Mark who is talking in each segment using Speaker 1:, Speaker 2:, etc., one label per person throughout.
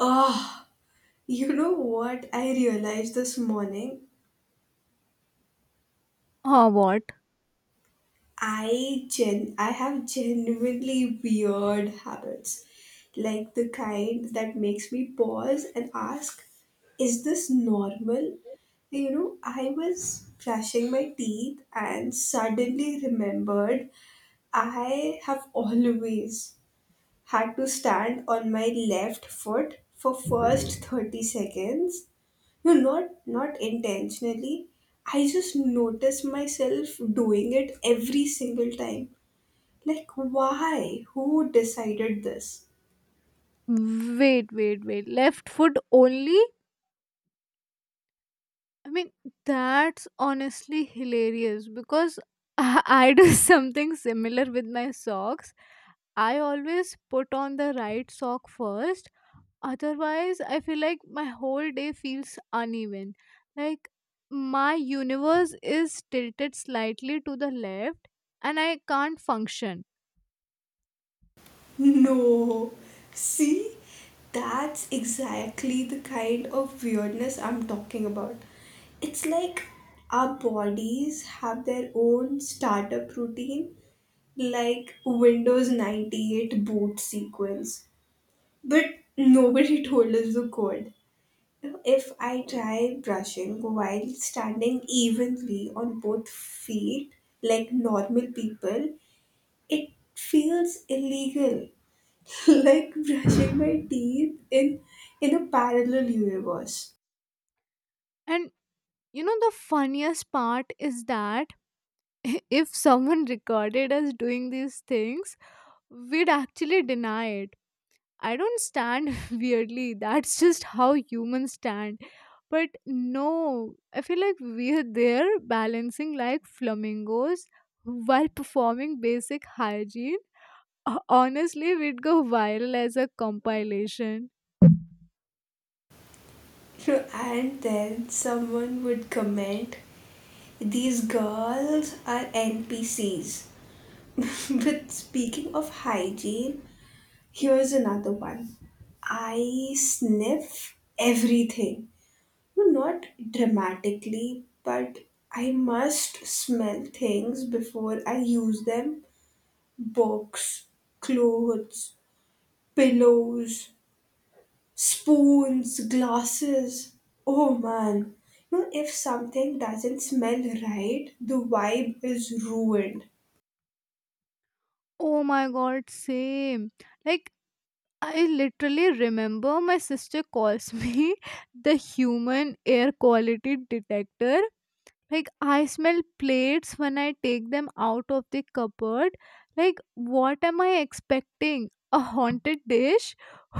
Speaker 1: Oh, you know what I realized this morning?
Speaker 2: Huh, what?
Speaker 1: I have genuinely weird habits. Like the kind that makes me pause and ask, is this normal? I was brushing my teeth and suddenly remembered I have always had to stand on my left foot for first 30 seconds. No, not intentionally. I just notice myself doing it every single time. Like, why? Who decided this?
Speaker 2: Wait, wait, wait. Left foot only? I mean, that's honestly hilarious because I do something similar with my socks. I always put on the right sock first. Otherwise, I feel like my whole day feels uneven. Like my universe is tilted slightly to the left and I can't function.
Speaker 1: No. See, that's exactly the kind of weirdness I'm talking about. It's like our bodies have their own startup routine, like Windows 98 boot sequence. But nobody told us the code. If I try brushing while standing evenly on both feet, like normal people, it feels illegal, like brushing my teeth in a parallel universe.
Speaker 2: And you know, the funniest part is that if someone recorded us doing these things, we'd actually deny it. I don't stand weirdly. That's just how humans stand. But no, I feel like we're there balancing like flamingos while performing basic hygiene. Honestly, we'd go viral as a compilation.
Speaker 1: And then someone would comment, "These girls are N P C's." But speaking of hygiene, here's another one. I sniff everything. No, not dramatically, but I must smell things before I use them. Books, clothes, pillows, spoons, glasses. Oh man. No, if something doesn't smell right, the vibe is ruined.
Speaker 2: Oh my god, same. Like, I literally remember my sister calls me the human air quality detector. Like, I smell plates when I take them out of the cupboard. Like, what am I expecting? A haunted dish?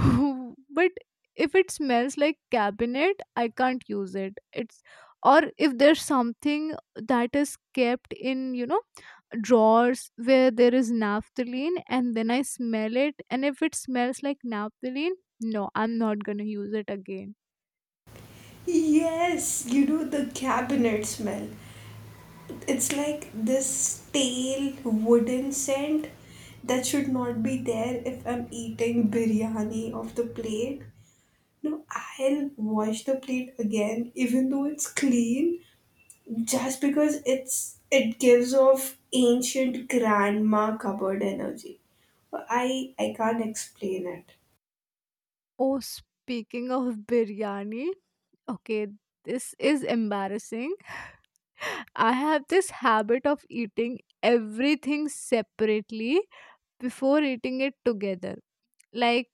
Speaker 2: But if it smells like cabinet, I can't use it. It's, or if there's something that is kept in, you know, drawers where there is naphthalene and then I smell it and if it smells like naphthalene, no, I'm not gonna use it again.
Speaker 1: Yes, you know the cabinet smell. It's like this stale wooden scent that should not be there if I'm eating biryani off the plate. No, I'll wash the plate again even though it's clean just because it gives off ancient grandma cupboard energy. I can't explain it.
Speaker 2: Oh, speaking of biryani, okay, this is embarrassing. I have this habit of eating everything separately before eating it together. Like,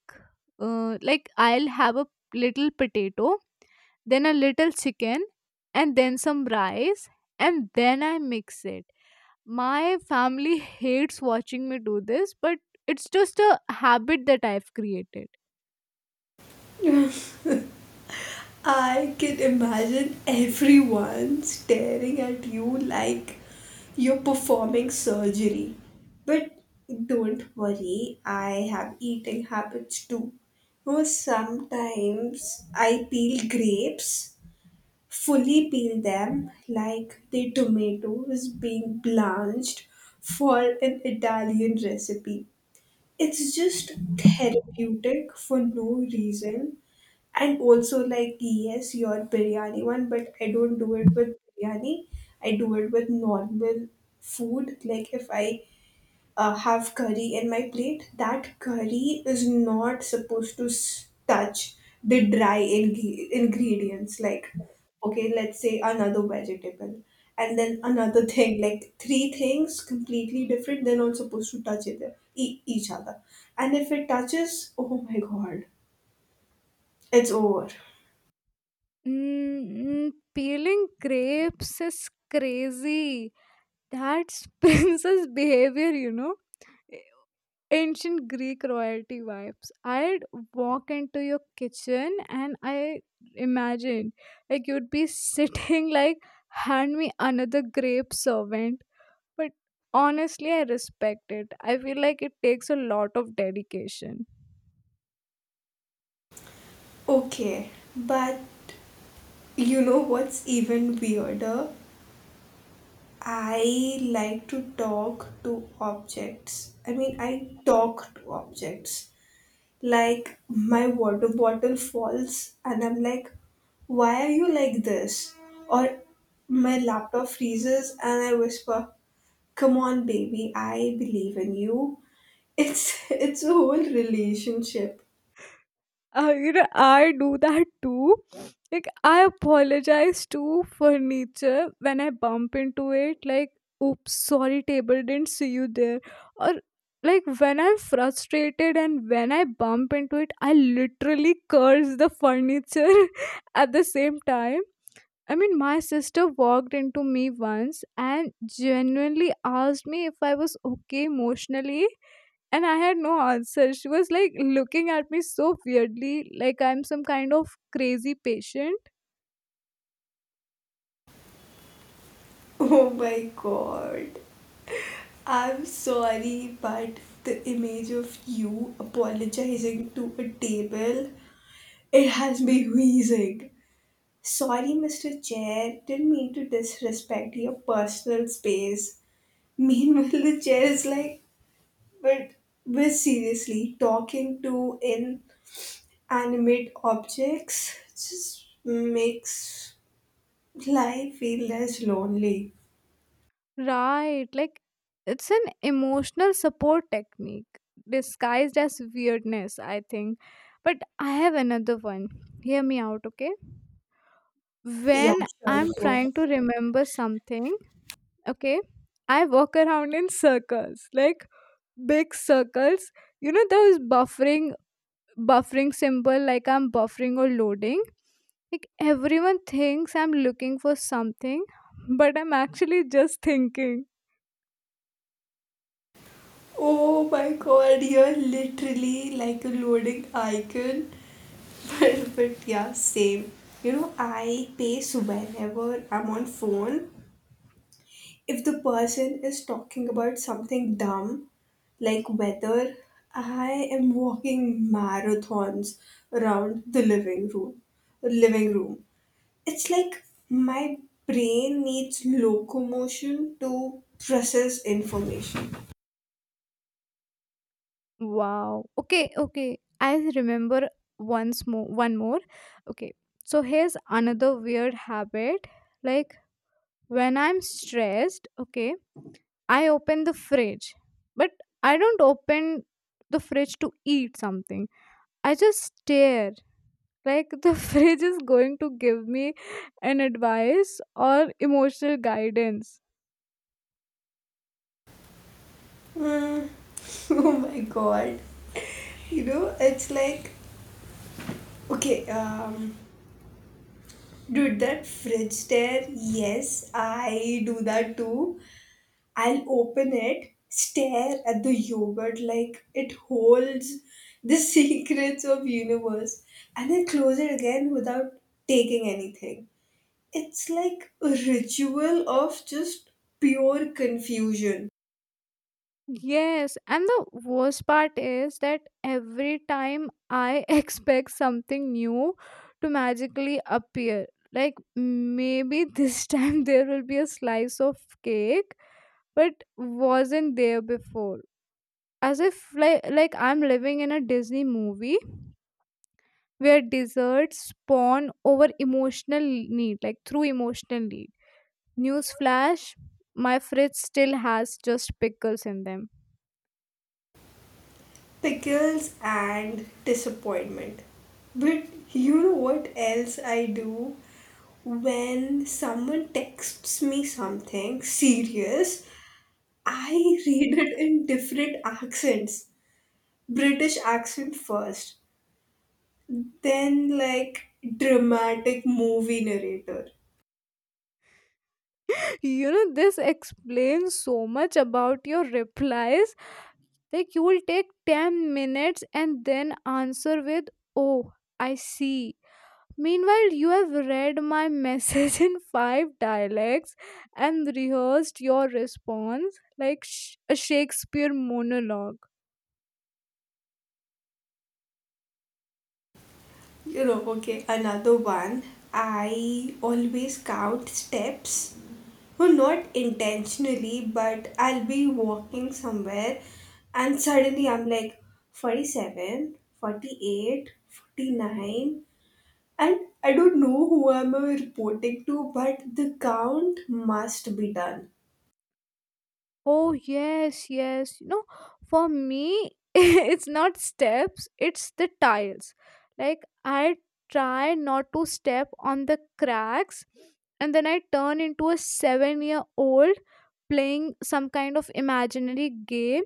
Speaker 2: like I'll have a little potato, then a little chicken, and then some rice, and then I mix it. My family hates watching me do this, but it's just a habit that I've created.
Speaker 1: I can imagine everyone staring at you like you're performing surgery. But don't worry, I have eating habits too. Sometimes I peel grapes, fully peel them like the tomato is being blanched for an Italian recipe. It's just therapeutic for no reason and also, like, yes, your biryani one, but I don't do it with biryani. I do it with normal food. Like, if I have curry in my plate, that curry is not supposed to touch the dry ingredients. Like, okay, let's say another vegetable, and then another thing, like three things completely different, they're not supposed to touch either, each other. And if it touches, oh my god, it's over.
Speaker 2: Mm, peeling grapes is crazy. That's Prince's behavior, you know. Ancient Greek royalty vibes. I'd walk into your kitchen and I imagine like you'd be sitting like, hand me another grape, servant. But honestly I respect it. I feel like it takes a lot of dedication.
Speaker 1: Okay, but you know what's even weirder? I like to talk to objects. I mean, I talk to objects. Like, my water bottle falls, and I'm like, why are you like this? Or my laptop freezes, and I whisper, come on, baby, I believe in you. It's it's a whole relationship.
Speaker 2: You know, I do that too. Like, I apologize to furniture when I bump into it. Like, oops, sorry, table, didn't see you there. Or, like, when I'm frustrated and when I bump into it, I literally curse the furniture at the same time. I mean, my sister walked into me once and genuinely asked me if I was okay emotionally, and I had no answer. She was like looking at me so weirdly, like I'm some kind of crazy patient.
Speaker 1: Oh my god, I'm sorry, but the image of you apologizing to a table, it has me wheezing. Sorry, Mr. Chair, didn't mean to disrespect your personal space. Meanwhile, the chair is like, but we're seriously talking to inanimate objects just makes life feel less lonely.
Speaker 2: Right, like it's an emotional support technique disguised as weirdness, I think. But I have another one. Hear me out, okay?
Speaker 1: Yeah,
Speaker 2: When
Speaker 1: sure,
Speaker 2: I'm
Speaker 1: go.
Speaker 2: trying to remember something, okay, I walk around in circles, like big circles. You know those buffering symbol, like I'm buffering or loading. Like everyone thinks I'm looking for something, but I'm actually just thinking.
Speaker 1: Oh my god, you're literally like a loading icon. But yeah, same. I pace whenever I'm on phone. If the person is talking about something dumb, like weather, I am walking marathons around the living room. Living room. It's like my brain needs locomotion to process information.
Speaker 2: Wow, okay, okay, I remember. Once more One more, okay. So here's another weird habit. Like when I'm stressed, okay, I open the fridge, but I don't open the fridge to eat something. I just stare, like the fridge is going to give me an advice or emotional guidance.
Speaker 1: Mm. Oh my god. You know, it's like, okay, um, Dude, that fridge stare, yes, I do that too. I'll open it, stare at the yogurt like it holds the secrets of universe, and then close it again without taking anything. It's like a ritual of just pure confusion.
Speaker 2: Yes, and the worst part is that every time I expect something new to magically appear. Like maybe this time there will be a slice of cake but wasn't there before, as if like, like I'm living in a Disney movie where desserts spawn over emotional need, like through emotional need. Newsflash, my fridge still has just pickles in them.
Speaker 1: Pickles and disappointment. But you know what else I do? When someone texts me something serious, I read it in different accents. British accent first, then like dramatic movie narrator.
Speaker 2: You know, this explains so much about your replies. Like you will take 10 minutes and then answer with, oh, I see. Meanwhile, you have read my message in five dialects and rehearsed your response like a Shakespeare monologue.
Speaker 1: Okay, another one. I always count steps. Well, not intentionally, but I'll be walking somewhere and suddenly I'm like 47, 48, 49, and I don't know who I'm reporting to, but the count must be done.
Speaker 2: Oh, yes, yes. You know, for me, it's not steps, it's the tiles. Like, I try not to step on the cracks, and then I turn into a 7-year old playing some kind of imaginary game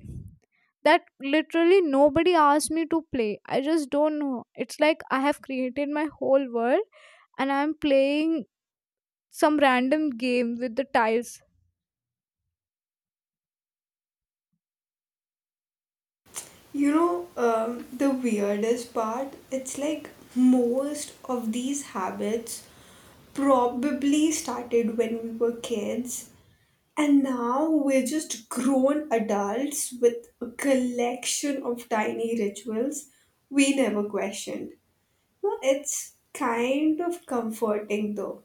Speaker 2: that literally nobody asked me to play. I just don't know. It's like I have created my whole world and I'm playing some random game with the tiles.
Speaker 1: The weirdest part, it's like most of these habits probably started when we were kids, and now we're just grown adults with a collection of tiny rituals we never questioned. Well, it's kind of comforting though.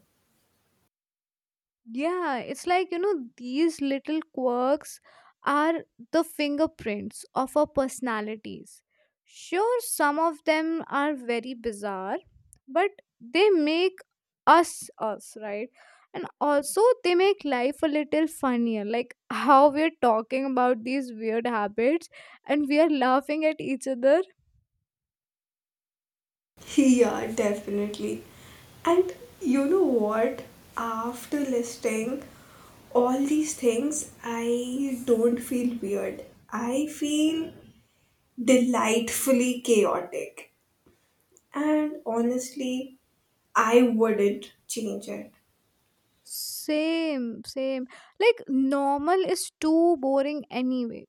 Speaker 2: Yeah, it's like, you know, these little quirks are the fingerprints of our personalities. Sure, some of them are very bizarre, but they make us us, right? And also, they make life a little funnier, like how we're talking about these weird habits and we are laughing at each other.
Speaker 1: Yeah, definitely. And you know what? After listing all these things, I don't feel weird. I feel delightfully chaotic. And honestly, I wouldn't change it.
Speaker 2: Same, same. Like, normal is too boring anyway.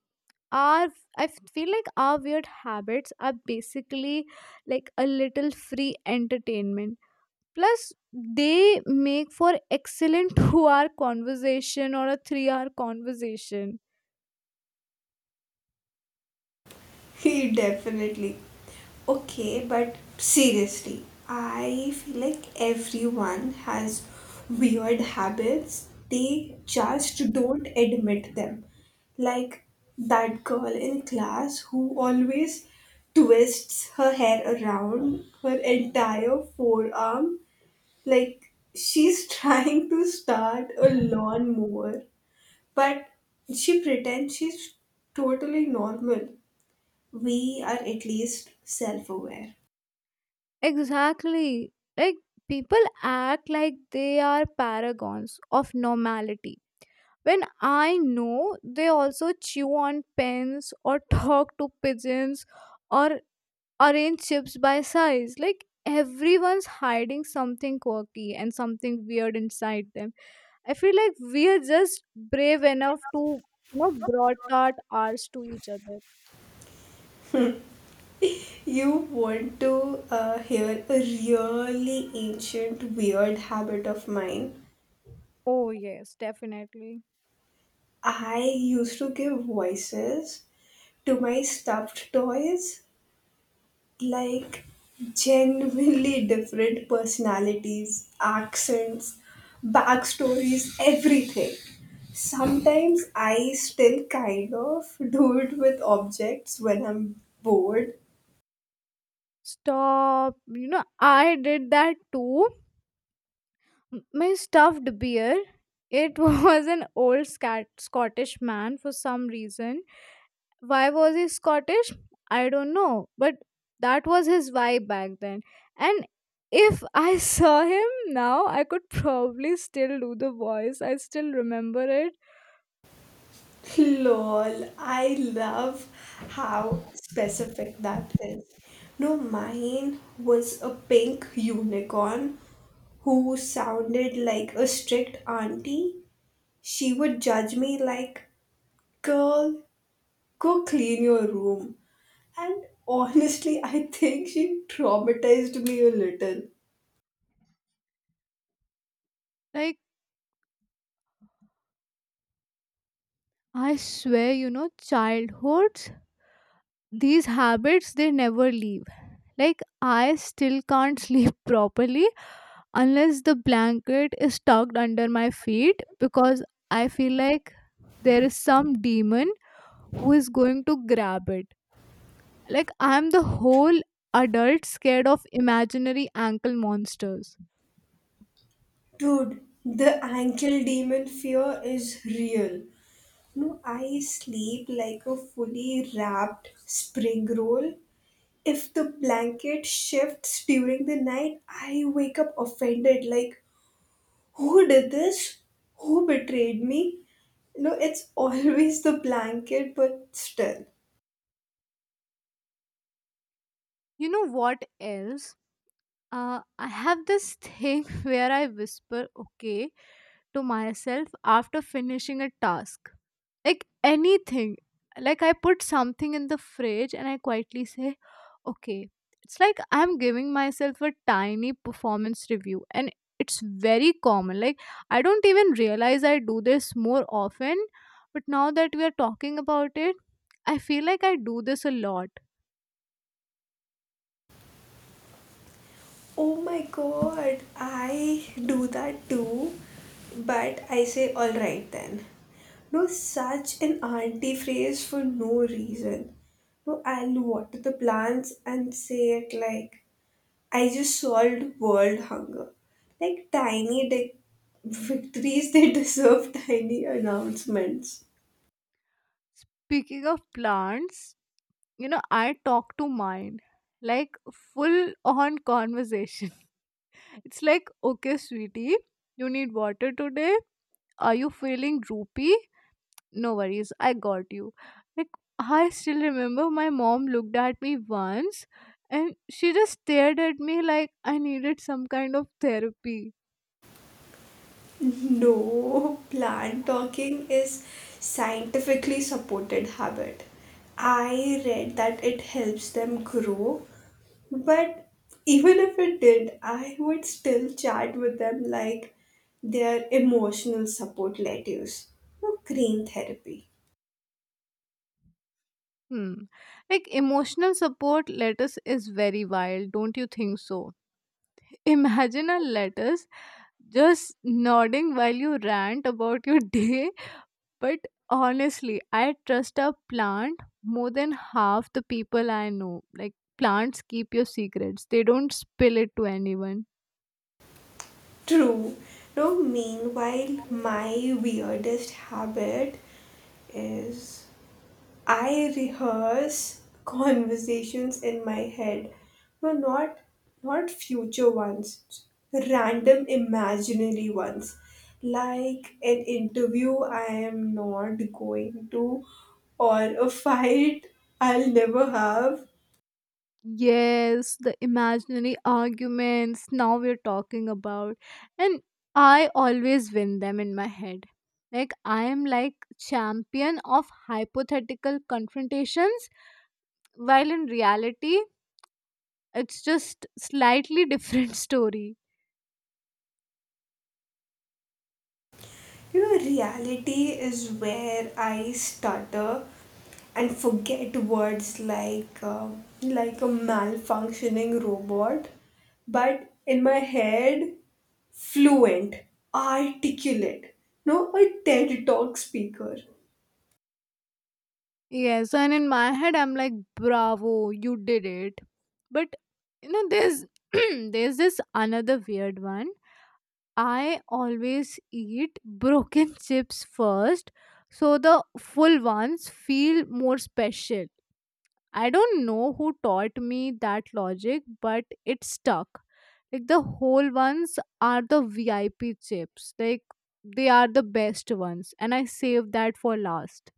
Speaker 2: Our, I feel like our weird habits are basically like a little free entertainment, plus they make for excellent 2-hour conversation or a 3-hour conversation.
Speaker 1: He definitely. Okay, but seriously, I feel like everyone has weird habits. They just don't admit them. Like that girl in class who always twists her hair around her entire forearm like she's trying to start a lawnmower, but she pretends she's totally normal. We are at least self aware.
Speaker 2: Exactly. Like, people act like they are paragons of normality when I know they also chew on pens or talk to pigeons or arrange chips by size. Like everyone's hiding something quirky and something weird inside them. I feel like we are just brave enough to, you know, broadcast ours to each other.
Speaker 1: You want to hear a really ancient, weird habit of mine.
Speaker 2: Oh yes, definitely.
Speaker 1: I used to give voices to my stuffed toys, like genuinely different personalities, accents, backstories, everything. Sometimes I still kind of do it with objects when I'm bored.
Speaker 2: Stop. You know, I did that too. My stuffed bear. It was an old Scottish man for some reason. Why was he Scottish? I don't know, but that was his vibe back then. And if I saw him now, I could probably still do the voice. I still remember it.
Speaker 1: Lol, I love how specific that is. No, mine was a pink unicorn who sounded like a strict auntie. She would judge me like, girl, go clean your room. And honestly, I think she traumatized me a little.
Speaker 2: Like, I swear, you know, childhoods, these habits, they never leave. Like, I still can't sleep properly unless the blanket is tucked under my feet because I feel like there is some demon who is going to grab it. Like, I'm the whole adult scared of imaginary ankle monsters.
Speaker 1: Dude, the ankle demon fear is real. No, I sleep like a fully wrapped spring roll. If the blanket shifts during the night, I wake up offended like, who did this? Who betrayed me? No, it's always the blanket, but still.
Speaker 2: You know what else? I have this thing where I whisper okay to myself after finishing a task. Like anything. Like I put something in the fridge and I quietly say, okay. It's like I'm giving myself a tiny performance review and it's very common. Like I don't even realize I do this more often, but now that we are talking about it, I feel like I do this a lot.
Speaker 1: Oh my god, I do that too. But I say, alright then. No, such an auntie phrase for no reason. No, I'll water the plants and say it like, I just solved world hunger. Like tiny victories, they deserve tiny announcements.
Speaker 2: Speaking of plants, you know, I talk to mine like full on conversation. It's like, okay, sweetie, you need water today. Are you feeling droopy? No worries, I got you. Like, I still remember my mom looked at me once and she just stared at me like I needed some kind of therapy.
Speaker 1: No, plant talking is scientifically supported habit. I read that it helps them grow, but even if it did, I would still chat with them like their emotional support letters. No green therapy.
Speaker 2: Hmm. Like, emotional support letters is very wild, don't you think so? Imagine a letters just nodding while you rant about your day. But honestly, I trust a plant more than half the people I know. Like, plants keep your secrets, they don't spill it to anyone.
Speaker 1: True. No, meanwhile, my weirdest habit is I rehearse conversations in my head, but not future ones, random imaginary ones. Like an interview I am not going to, or a fight I'll never have.
Speaker 2: Yes, the imaginary arguments, now we're talking about. And I always win them in my head. Like, I am like champion of hypothetical confrontations, while in reality, it's just slightly different story.
Speaker 1: You know, reality is where I stutter and forget words like a malfunctioning robot, but in my head, fluent, articulate, no, a TED Talk speaker.
Speaker 2: Yes, and in my head I'm like, bravo, you did it. But you know, there's there's this another weird one. I always eat broken chips first, so the full ones feel more special. I don't know who taught me that logic, but it stuck. Like the whole ones are the VIP chips. Like they are the best ones, and I save that for last.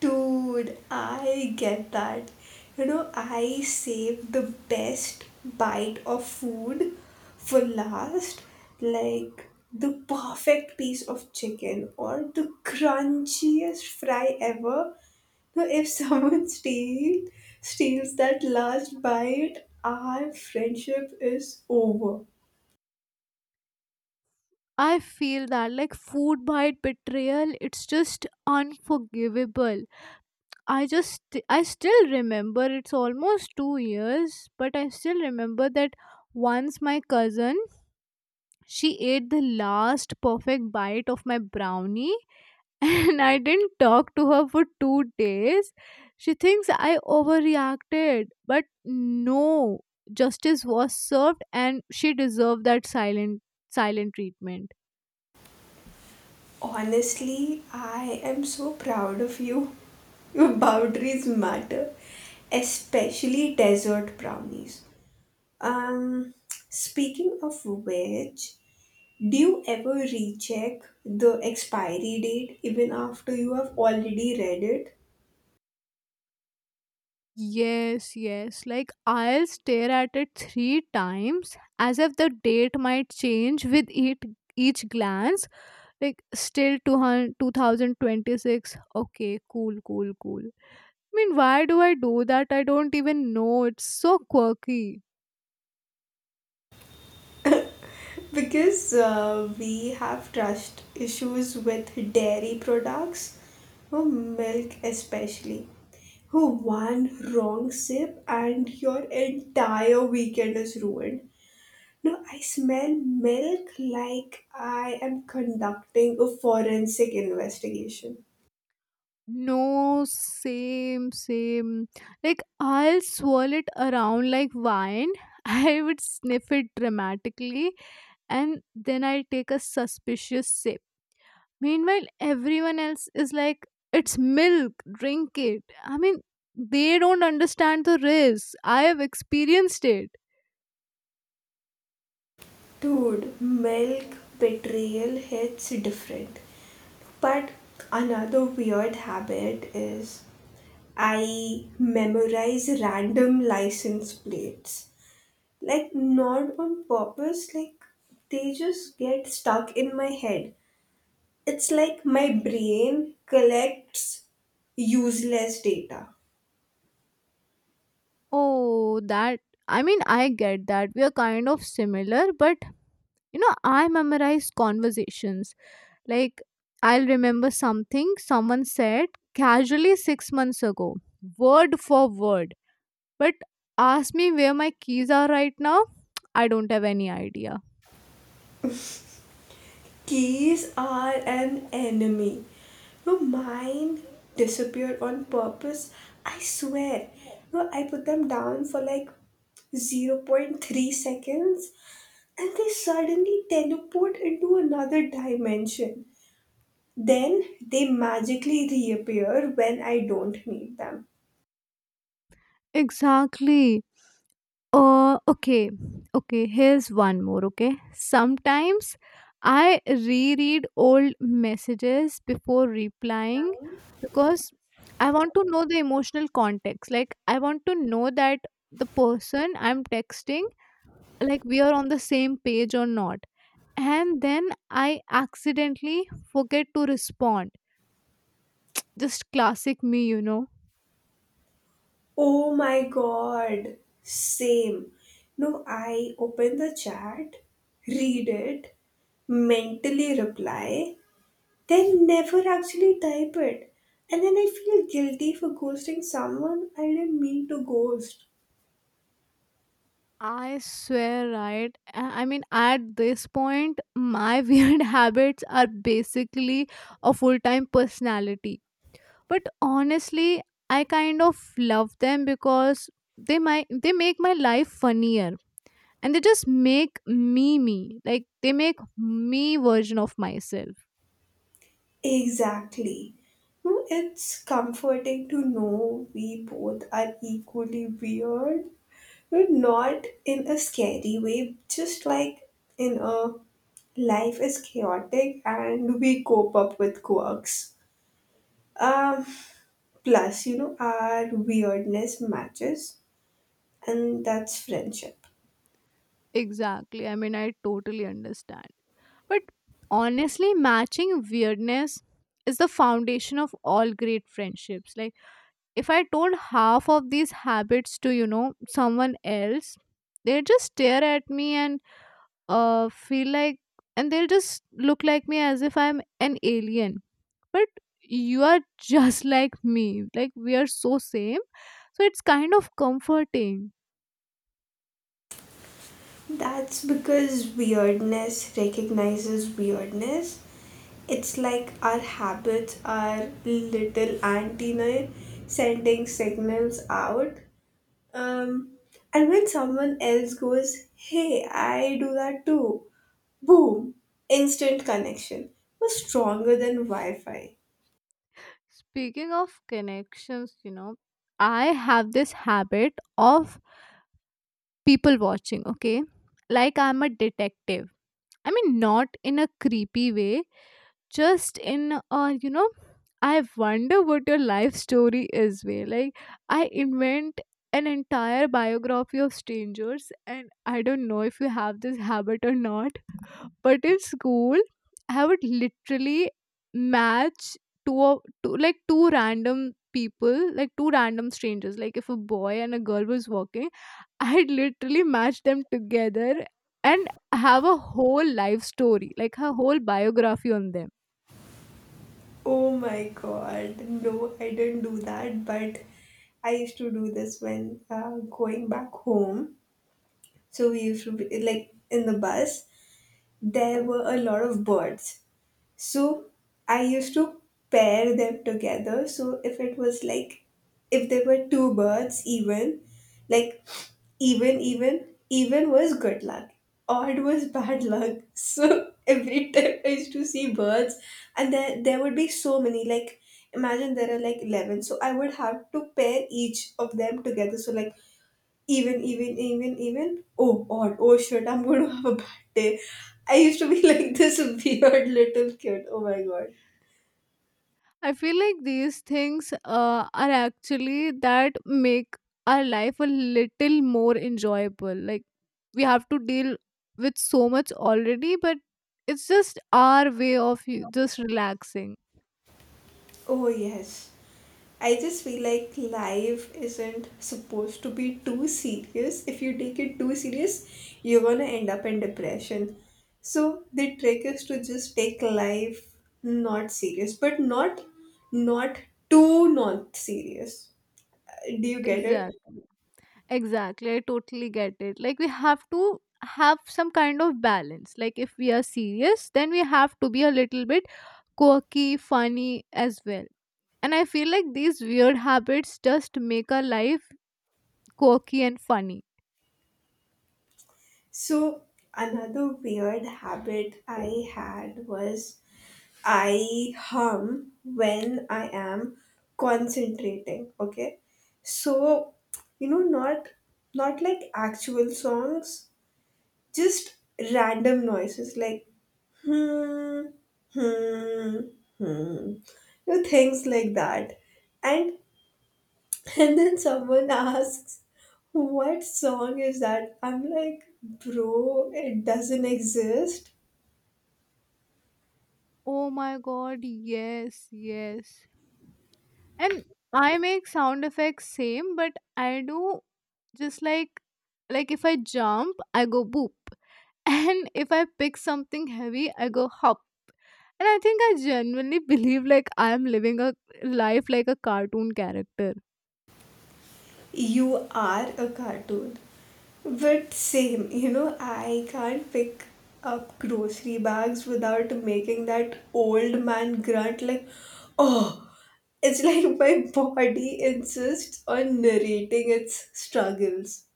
Speaker 1: Dude, I get that. I save the best bite of food for last, like the perfect piece of chicken or the crunchiest fry ever. Now, if someone steals that last bite, our friendship is over.
Speaker 2: I feel that, like, food bite betrayal, it's just unforgivable. I just, I still remember it's almost 2 years, but I still remember that once my cousin, she ate the last perfect bite of my brownie and I didn't talk to her for 2 days. She thinks I overreacted, but no, justice was served and she deserved that silent treatment.
Speaker 1: Honestly, I am so proud of you. Your boundaries matter, especially desert brownies. Um, Speaking of which, do you ever recheck the expiry date even after you have already read it?
Speaker 2: Yes, yes. Like, I'll stare at it three times as if the date might change with each glance. Like still 2026. Okay, cool, cool, cool. I mean, why do I do that? I don't even know. It's so quirky.
Speaker 1: Because we have trust issues with dairy products, or milk especially. Oh, one wrong sip and your entire weekend is ruined. No, I smell milk like I am conducting a forensic investigation.
Speaker 2: No, same, same. Like, I'll swirl it around like wine. I would sniff it dramatically and then I'll take a suspicious sip. Meanwhile, everyone else is like, it's milk, drink it. I mean, they don't understand the risk. I have experienced it.
Speaker 1: Dude, milk betrayal hits different. But another weird habit is I memorize random license plates. Like, not on purpose, like, they just get stuck in my head. It's like my brain collects useless data.
Speaker 2: Oh, that. I mean, I get that. We are kind of similar, but you know, I memorize conversations. Like, I'll remember something someone said casually 6 months ago, word for word. But ask me where my keys are right now, I don't have any idea.
Speaker 1: Keys are an enemy. No, mine disappeared on purpose. I swear. No, I put them down for like zero point 0.3 seconds and they suddenly teleport into another dimension. Then they magically reappear when I don't need them.
Speaker 2: Exactly. Okay. Okay. Here's one more. Okay. Sometimes I reread old messages before replying because I want to know the emotional context. Like, I want to know that the person I'm texting, like, we are on the same page or not. And then I accidentally forget to respond. Just classic me, you know.
Speaker 1: Oh my god. Same. No, I open the chat, read it, mentally reply. They'll never actually type it. And then I feel guilty for ghosting someone I didn't mean to ghost.
Speaker 2: I swear, right? I mean, at this point, my weird habits are basically a full time personality. But honestly, I kind of love them because they make my life funnier and they just make me me, like they make me version of myself.
Speaker 1: Exactly. No, it's comforting to know we both are equally weird, but not in a scary way, just like in a life is chaotic and we cope up with quirks. Um, plus, our weirdness matches, and that's friendship.
Speaker 2: Exactly, I mean, I totally understand. But honestly, matching weirdness is the foundation of all great friendships. Like, if I told half of these habits to, you know, someone else, they'll just stare at me and, feel like, and they'll just look like me as if I'm an alien. But you are just like me. Like, we are so same. So it's kind of comforting.
Speaker 1: That's because weirdness recognizes weirdness. It's like our habits are little antennae sending signals out. Um, and when someone else goes, hey, I do that too, boom, instant connection was stronger than Wi Fi.
Speaker 2: Speaking of connections, you know, I have this habit of people watching, okay? Like, I'm a detective. I mean, not in a creepy way, just in you know, I wonder what your life story is way, like I invent an entire biography of strangers and I don't know if you have this habit or not, but in school I would literally match two, like two random people, like two random strangers. Like if a boy and a girl was walking, I'd literally match them together and have a whole life story, like a whole biography on them.
Speaker 1: Oh my god, no, I didn't do that, but I used to do this when going back home. So we used to be like in the bus. There were a lot of birds. So I used to pair them together. So if it was like, if there were two birds, even, like, even, even, even was good luck, odd was bad luck. So every time I used to see birds, and there would be so many, like, imagine there are like 11. So I would have to pair each of them together. So, like, even, even, even, even. Oh god, oh shit, I'm going to have a bad day. I used to be like this weird little kid. Oh my god.
Speaker 2: I feel like these things are actually that make our life a little more enjoyable. Like we have to deal with so much already, but it's just our way of just relaxing.
Speaker 1: Oh yes. I just feel like life isn't supposed to be too serious. If you take it too serious, you're going to end up in depression. So the trick is to just take life not serious, but not too not serious. Do you get it?
Speaker 2: Exactly. Exactly. I totally get it. Like we have to have some kind of balance. Like if we are serious, then we have to be a little bit quirky, funny as well. And I feel like these weird habits just make our life quirky and funny.
Speaker 1: So another weird habit I had was I hum when I am concentrating. Okay, so you know, not not like actual songs, just random noises like hmm, hmm, hmm, things like that. And and then someone asks, what song is that? I'm like, bro, it doesn't exist.
Speaker 2: Oh my god, yes, yes. And I make sound effects same, but I do just like if I jump, I go boop. And if I pick something heavy, I go hop. And I think I genuinely believe like I am living a life like a cartoon character.
Speaker 1: You are a cartoon. But same, I can't pick up grocery bags without making that old man grunt like, oh, it's like my body insists on narrating its struggles.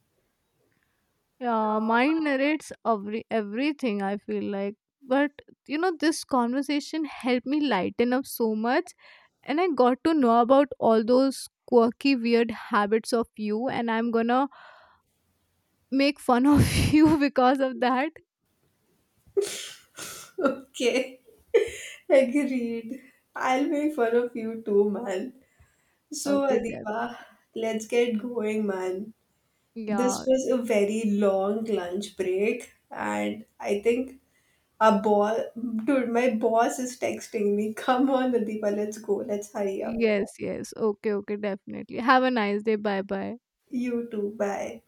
Speaker 2: Yeah, mine narrates everything I feel like. But you know, this conversation helped me lighten up so much and I got to know about all those quirky, weird habits of you, and I'm gonna make fun of you because of that.
Speaker 1: Okay, agreed. I'll make fun of you too, man. So,
Speaker 2: Okay, def-
Speaker 1: Adiba, let's get going, man. This
Speaker 2: yeah,
Speaker 1: was a very long lunch break, and I think our boss, dude, my boss is texting me. Come on, Adiba, let's go. Let's hurry up.
Speaker 2: yes, yes, okay, okay, definitely. Have a nice day. Bye bye.
Speaker 1: You too. Bye.